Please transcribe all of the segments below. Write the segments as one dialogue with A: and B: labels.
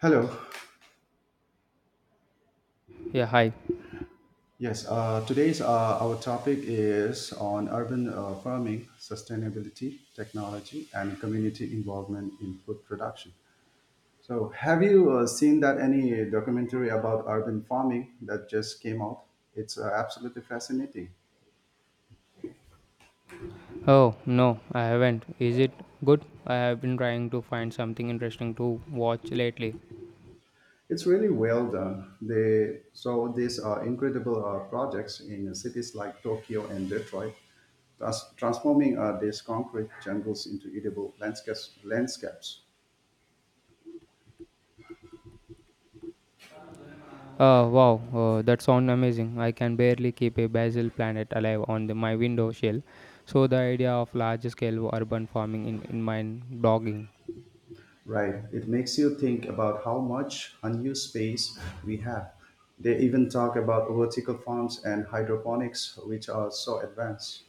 A: Hello.
B: Yeah, hi.
A: Yes, today's our topic is on urban farming, sustainability, technology, and community involvement in food production. So, have you seen that any documentary about urban farming that just came out? It's absolutely fascinating.
B: Oh, no, I haven't. Is it good? I have been trying to find something interesting to watch lately.
A: It's really well done. They saw these incredible projects in cities like Tokyo and Detroit, thus transforming these concrete jungles into edible landscapes.
B: Wow, that sounds amazing. I can barely keep a basil planet alive on my window shell. So, the idea of large scale urban farming in mind dogging.
A: Right. It makes you think about how much unused space we have. They even talk about vertical farms and hydroponics, which are so advanced.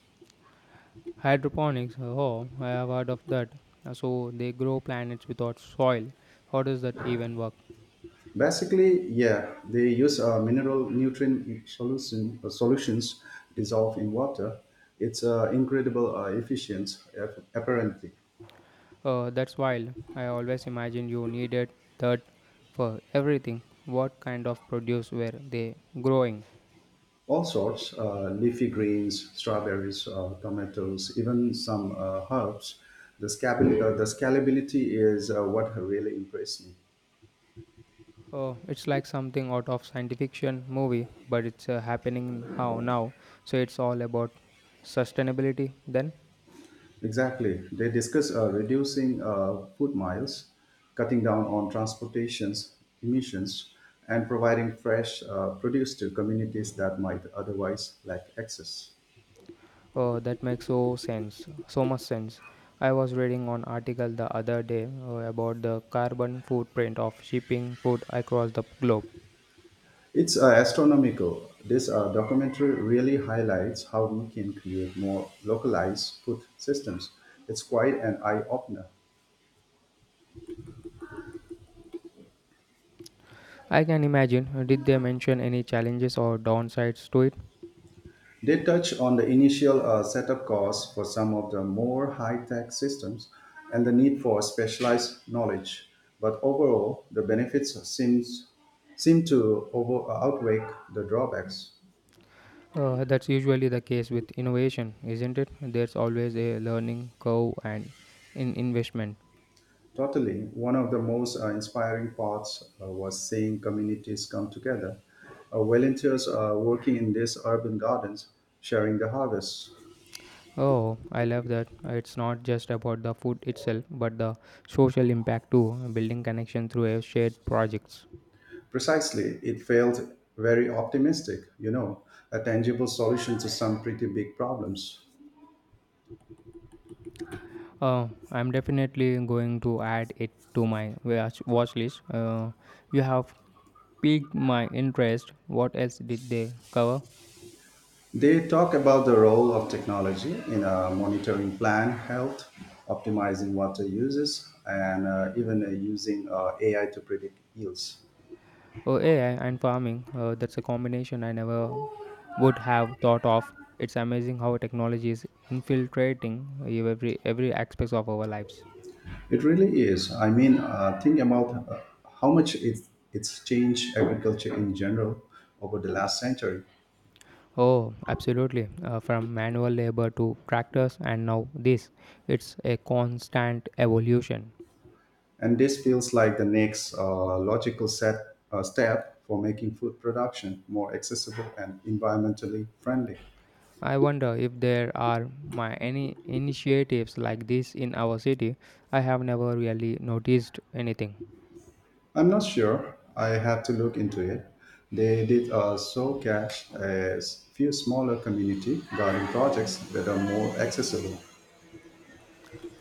B: Hydroponics, oh, I have heard of that. So, they grow planets without soil. How does that even work?
A: Basically, yeah, they use mineral nutrient solutions dissolved in water. It's incredible efficient, apparently.
B: Oh, that's wild. I always imagined you needed that for everything. What kind of produce were they growing?
A: All sorts, leafy greens, strawberries, tomatoes, even some herbs. The scalability is what really impressed me.
B: Oh, it's like something out of science fiction movie, but it's happening how now. So it's all about sustainability then.
A: Exactly. They discuss reducing food miles, cutting down on transportations emissions, and providing fresh produce to communities that might otherwise lack access.
B: Oh, that makes So much sense. I was reading an article the other day about the carbon footprint of shipping food across the globe.
A: It's astronomical. This documentary really highlights how we can create more localized food systems. It's quite an eye opener.
B: I can imagine. Did they mention any challenges or downsides to it?
A: They touch on the initial setup costs for some of the more high tech systems and the need for specialized knowledge. But overall, the seem to outweigh the drawbacks.
B: That's usually the case with innovation, isn't it? There's always a learning curve and in investment.
A: Totally, one of the most inspiring parts was seeing communities come together. Volunteers are working in these urban gardens, sharing the harvests.
B: Oh, I love that. It's not just about the food itself, but the social impact too, building connection through a shared projects.
A: Precisely, it felt very optimistic, a tangible solution to some pretty big problems.
B: I'm definitely going to add it to my watch list. You have piqued my interest. What else did they cover?
A: They talk about the role of technology in monitoring plant health, optimizing water uses, and even using AI to predict yields.
B: Oh, AI and farming. That's a combination I never would have thought of. It's amazing how technology is infiltrating every aspects of our lives.
A: It really is. I mean, think about how much it's changed agriculture in general over the last century.
B: Oh, absolutely. From manual labor to tractors and now this. It's a constant evolution.
A: And this feels like the next step for making food production more accessible and environmentally friendly.
B: I wonder if there are my any initiatives like this in our city. I have never really noticed anything.
A: I'm not sure. I have to look into it. They did also catch a few smaller community garden projects that are more accessible.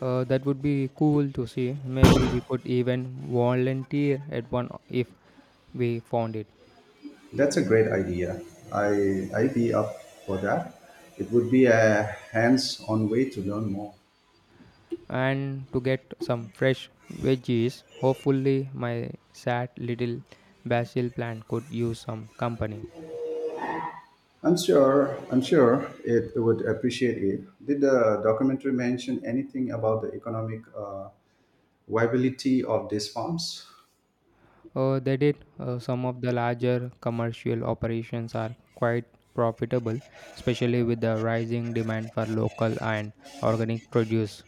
B: That would be cool to see. Maybe we could even volunteer at one if we found it.
A: That's a great idea. I be up for that. It would be a hands-on way to learn more.
B: And to get some fresh veggies. Hopefully, my sad little basil plant could use some company.
A: I'm sure, it would appreciate it. Did the documentary mention anything about the economic viability of these farms?
B: They did. Some of the larger commercial operations are quite profitable, especially with the rising demand for local and organic produce.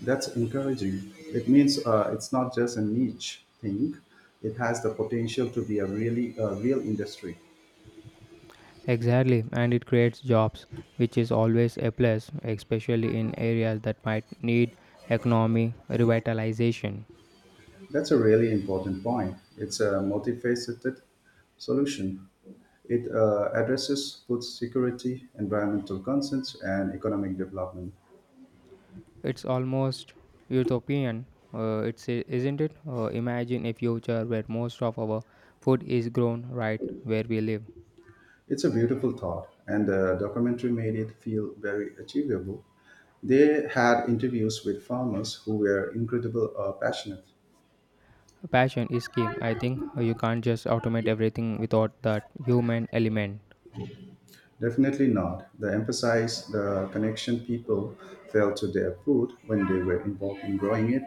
A: That's encouraging. It means it's not just a niche thing; it has the potential to be a real industry.
B: Exactly, and it creates jobs, which is always a plus, especially in areas that might need economy revitalization.
A: That's a really important point. It's a multifaceted solution. It addresses food security, environmental concerns, and economic development.
B: It's almost utopian, it's isn't it? Imagine a future where most of our food is grown right where we live.
A: It's a beautiful thought, and the documentary made it feel very achievable. They had interviews with farmers who were incredible passionate.
B: Passion is key. I think you can't just automate everything without that human element.
A: Definitely not. They emphasized the connection people felt to their food when they were involved in growing it.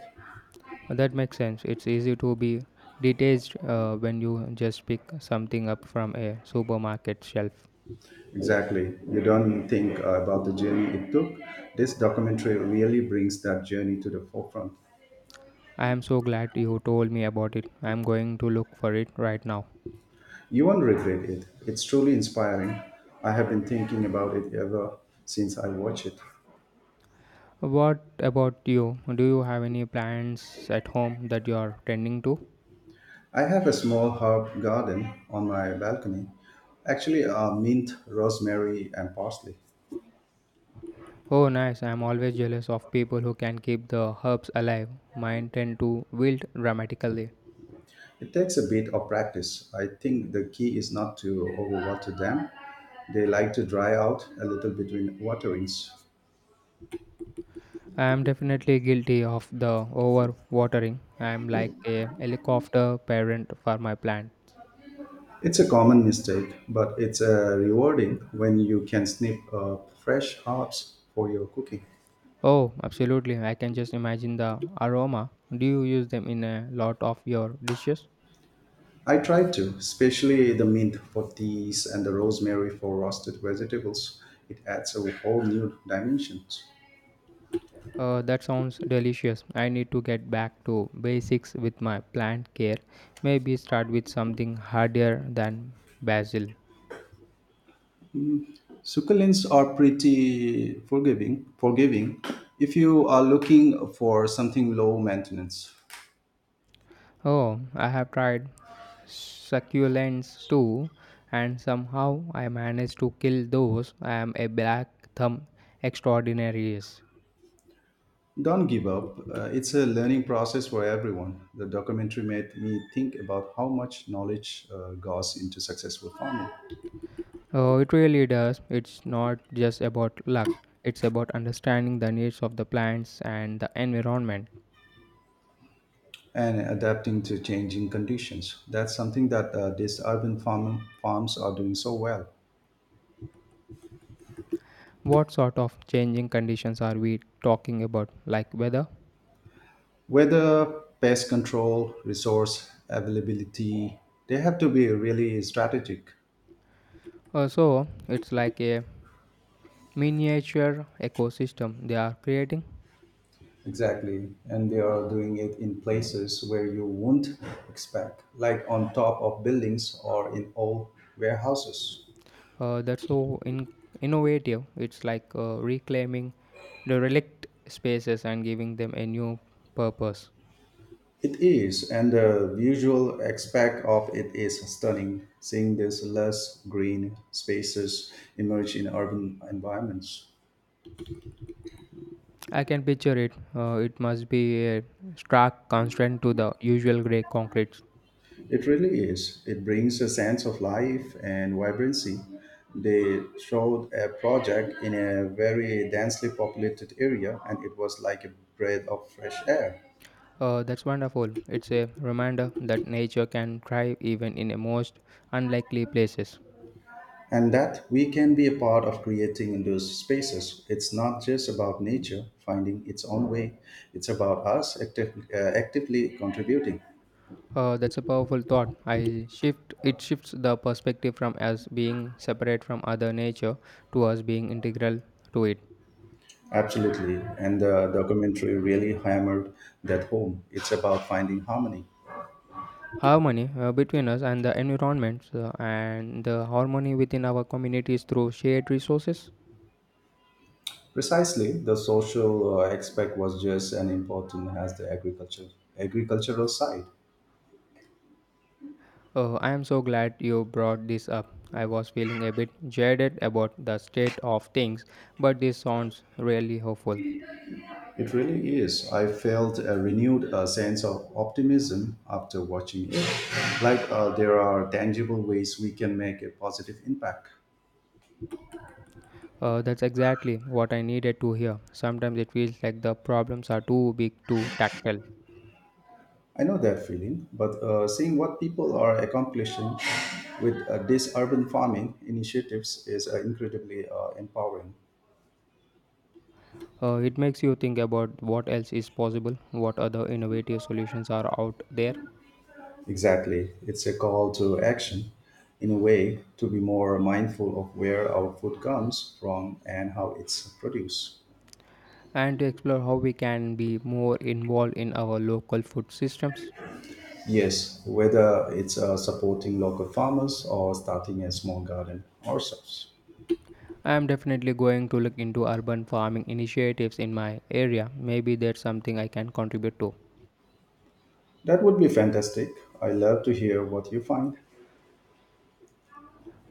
B: That makes sense. It's easy to be detached when you just pick something up from a supermarket shelf.
A: Exactly. You don't think about the journey it took. This documentary really brings that journey to the forefront.
B: I am so glad you told me about it. I am going to look for it right now.
A: You won't regret it. It's truly inspiring. I have been thinking about it ever since I watched it.
B: What about you? Do you have any plants at home that you are tending to?
A: I have a small herb garden on my balcony. Actually, mint, rosemary, and parsley.
B: Oh, nice. I'm always jealous of people who can keep the herbs alive. Mine tend to wilt dramatically.
A: It takes a bit of practice. I think the key is not to overwater them. They like to dry out a little between waterings.
B: I am definitely guilty of the overwatering. I am like a helicopter parent for my plants.
A: It's a common mistake, but it's rewarding when you can snip up fresh herbs for your cooking.
B: Oh, absolutely. I can just imagine the aroma. Do you use them in a lot of your dishes?
A: I try to, especially the mint for teas and the rosemary for roasted vegetables. It adds a whole new dimension.
B: That sounds delicious. I need to get back to basics with my plant care. Maybe start with something harder than basil.
A: Succulents are pretty forgiving, if you are looking for something low maintenance.
B: Oh, I have tried succulents too, and somehow I managed to kill those. I am a black thumb extraordinarius.
A: Don't give up. It's a learning process for everyone. The documentary made me think about how much knowledge goes into successful farming
B: Oh, it really does. It's not just about luck, it's about understanding the needs of the plants and the environment.
A: and adapting to changing conditions. That's something that these urban farms are doing so well.
B: What sort of changing conditions are we talking about, like weather?
A: Whether pest control, resource availability, they have to be really strategic.
B: So it's like a miniature ecosystem they are creating.
A: Exactly. And they are doing it in places where you wouldn't expect, like on top of buildings or in old warehouses.
B: That's innovative. It's like reclaiming the relict spaces and giving them a new purpose.
A: It is, and the visual aspect of it is stunning, seeing these less green spaces emerge in urban environments.
B: I can picture it. It must be a stark contrast to the usual grey concrete.
A: It really is. It brings a sense of life and vibrancy. They showed a project in a very densely populated area, and it was like a breath of fresh air.
B: That's wonderful. It's a reminder that nature can thrive even in the most unlikely places.
A: And that we can be a part of creating those spaces. It's not just about nature finding its own way, it's about us actively contributing.
B: That's a powerful thought. I shift it shifts the perspective from us being separate from other nature to us being integral to it.
A: Absolutely. And the documentary really hammered that home. It's about finding harmony.
B: Harmony between us and the environment and the harmony within our communities through shared resources.
A: Precisely, the social aspect was just as important as agricultural side.
B: I am so glad you brought this up. I was feeling a bit jaded about the state of things, but this sounds really hopeful.
A: It really is. I felt a renewed sense of optimism after watching it. Like there are tangible ways we can make a positive impact.
B: That's exactly what I needed to hear. Sometimes it feels like the problems are too big to tackle.
A: I know that feeling, but seeing what people are accomplishing with these urban farming initiatives is incredibly empowering.
B: It makes you think about what else is possible, what other innovative solutions are out there,
A: Exactly. It's a call to action, in a way, to be more mindful of where our food comes from and how it's produced.
B: and to explore how we can be more involved in our local food systems.
A: Yes, whether it's supporting local farmers or starting a small garden ourselves.
B: I am definitely going to look into urban farming initiatives in my area. Maybe there's something I can contribute to.
A: That would be fantastic. I love to hear what you find.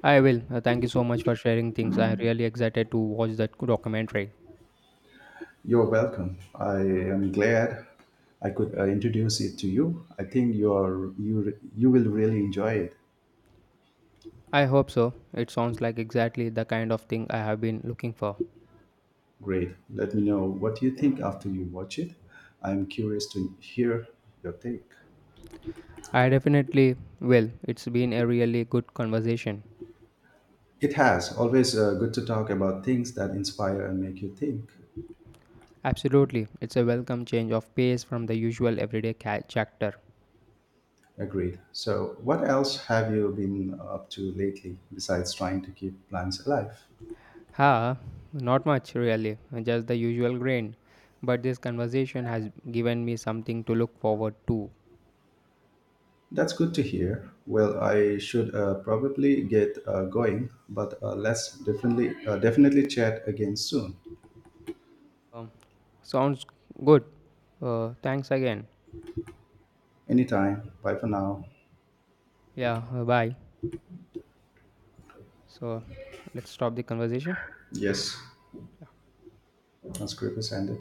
B: I will. Thank you so much for sharing things. I'm really excited to watch that documentary.
A: You're welcome. I am glad I could introduce it to you. I think you are you re- you will really enjoy it.
B: I hope so. It sounds like exactly the kind of thing I have been looking for.
A: Great. Let me know what you think after you watch it. I'm curious to hear your take.
B: I definitely will. It's been a really good conversation.
A: It has always good to talk about things that inspire and make you think.
B: Absolutely, it's a welcome change of pace from the usual everyday chapter.
A: Agreed. So, what else have you been up to lately besides trying to keep plants alive?
B: Ha, not much really, just the usual grain. But this conversation has given me something to look forward to.
A: That's good to hear. Well, I should probably get going, but let's definitely chat again soon.
B: Um, Sounds good. Thanks again.
A: Anytime. Bye for now.
B: Yeah, bye. So let's stop the conversation.
A: Yes, transcript is ended.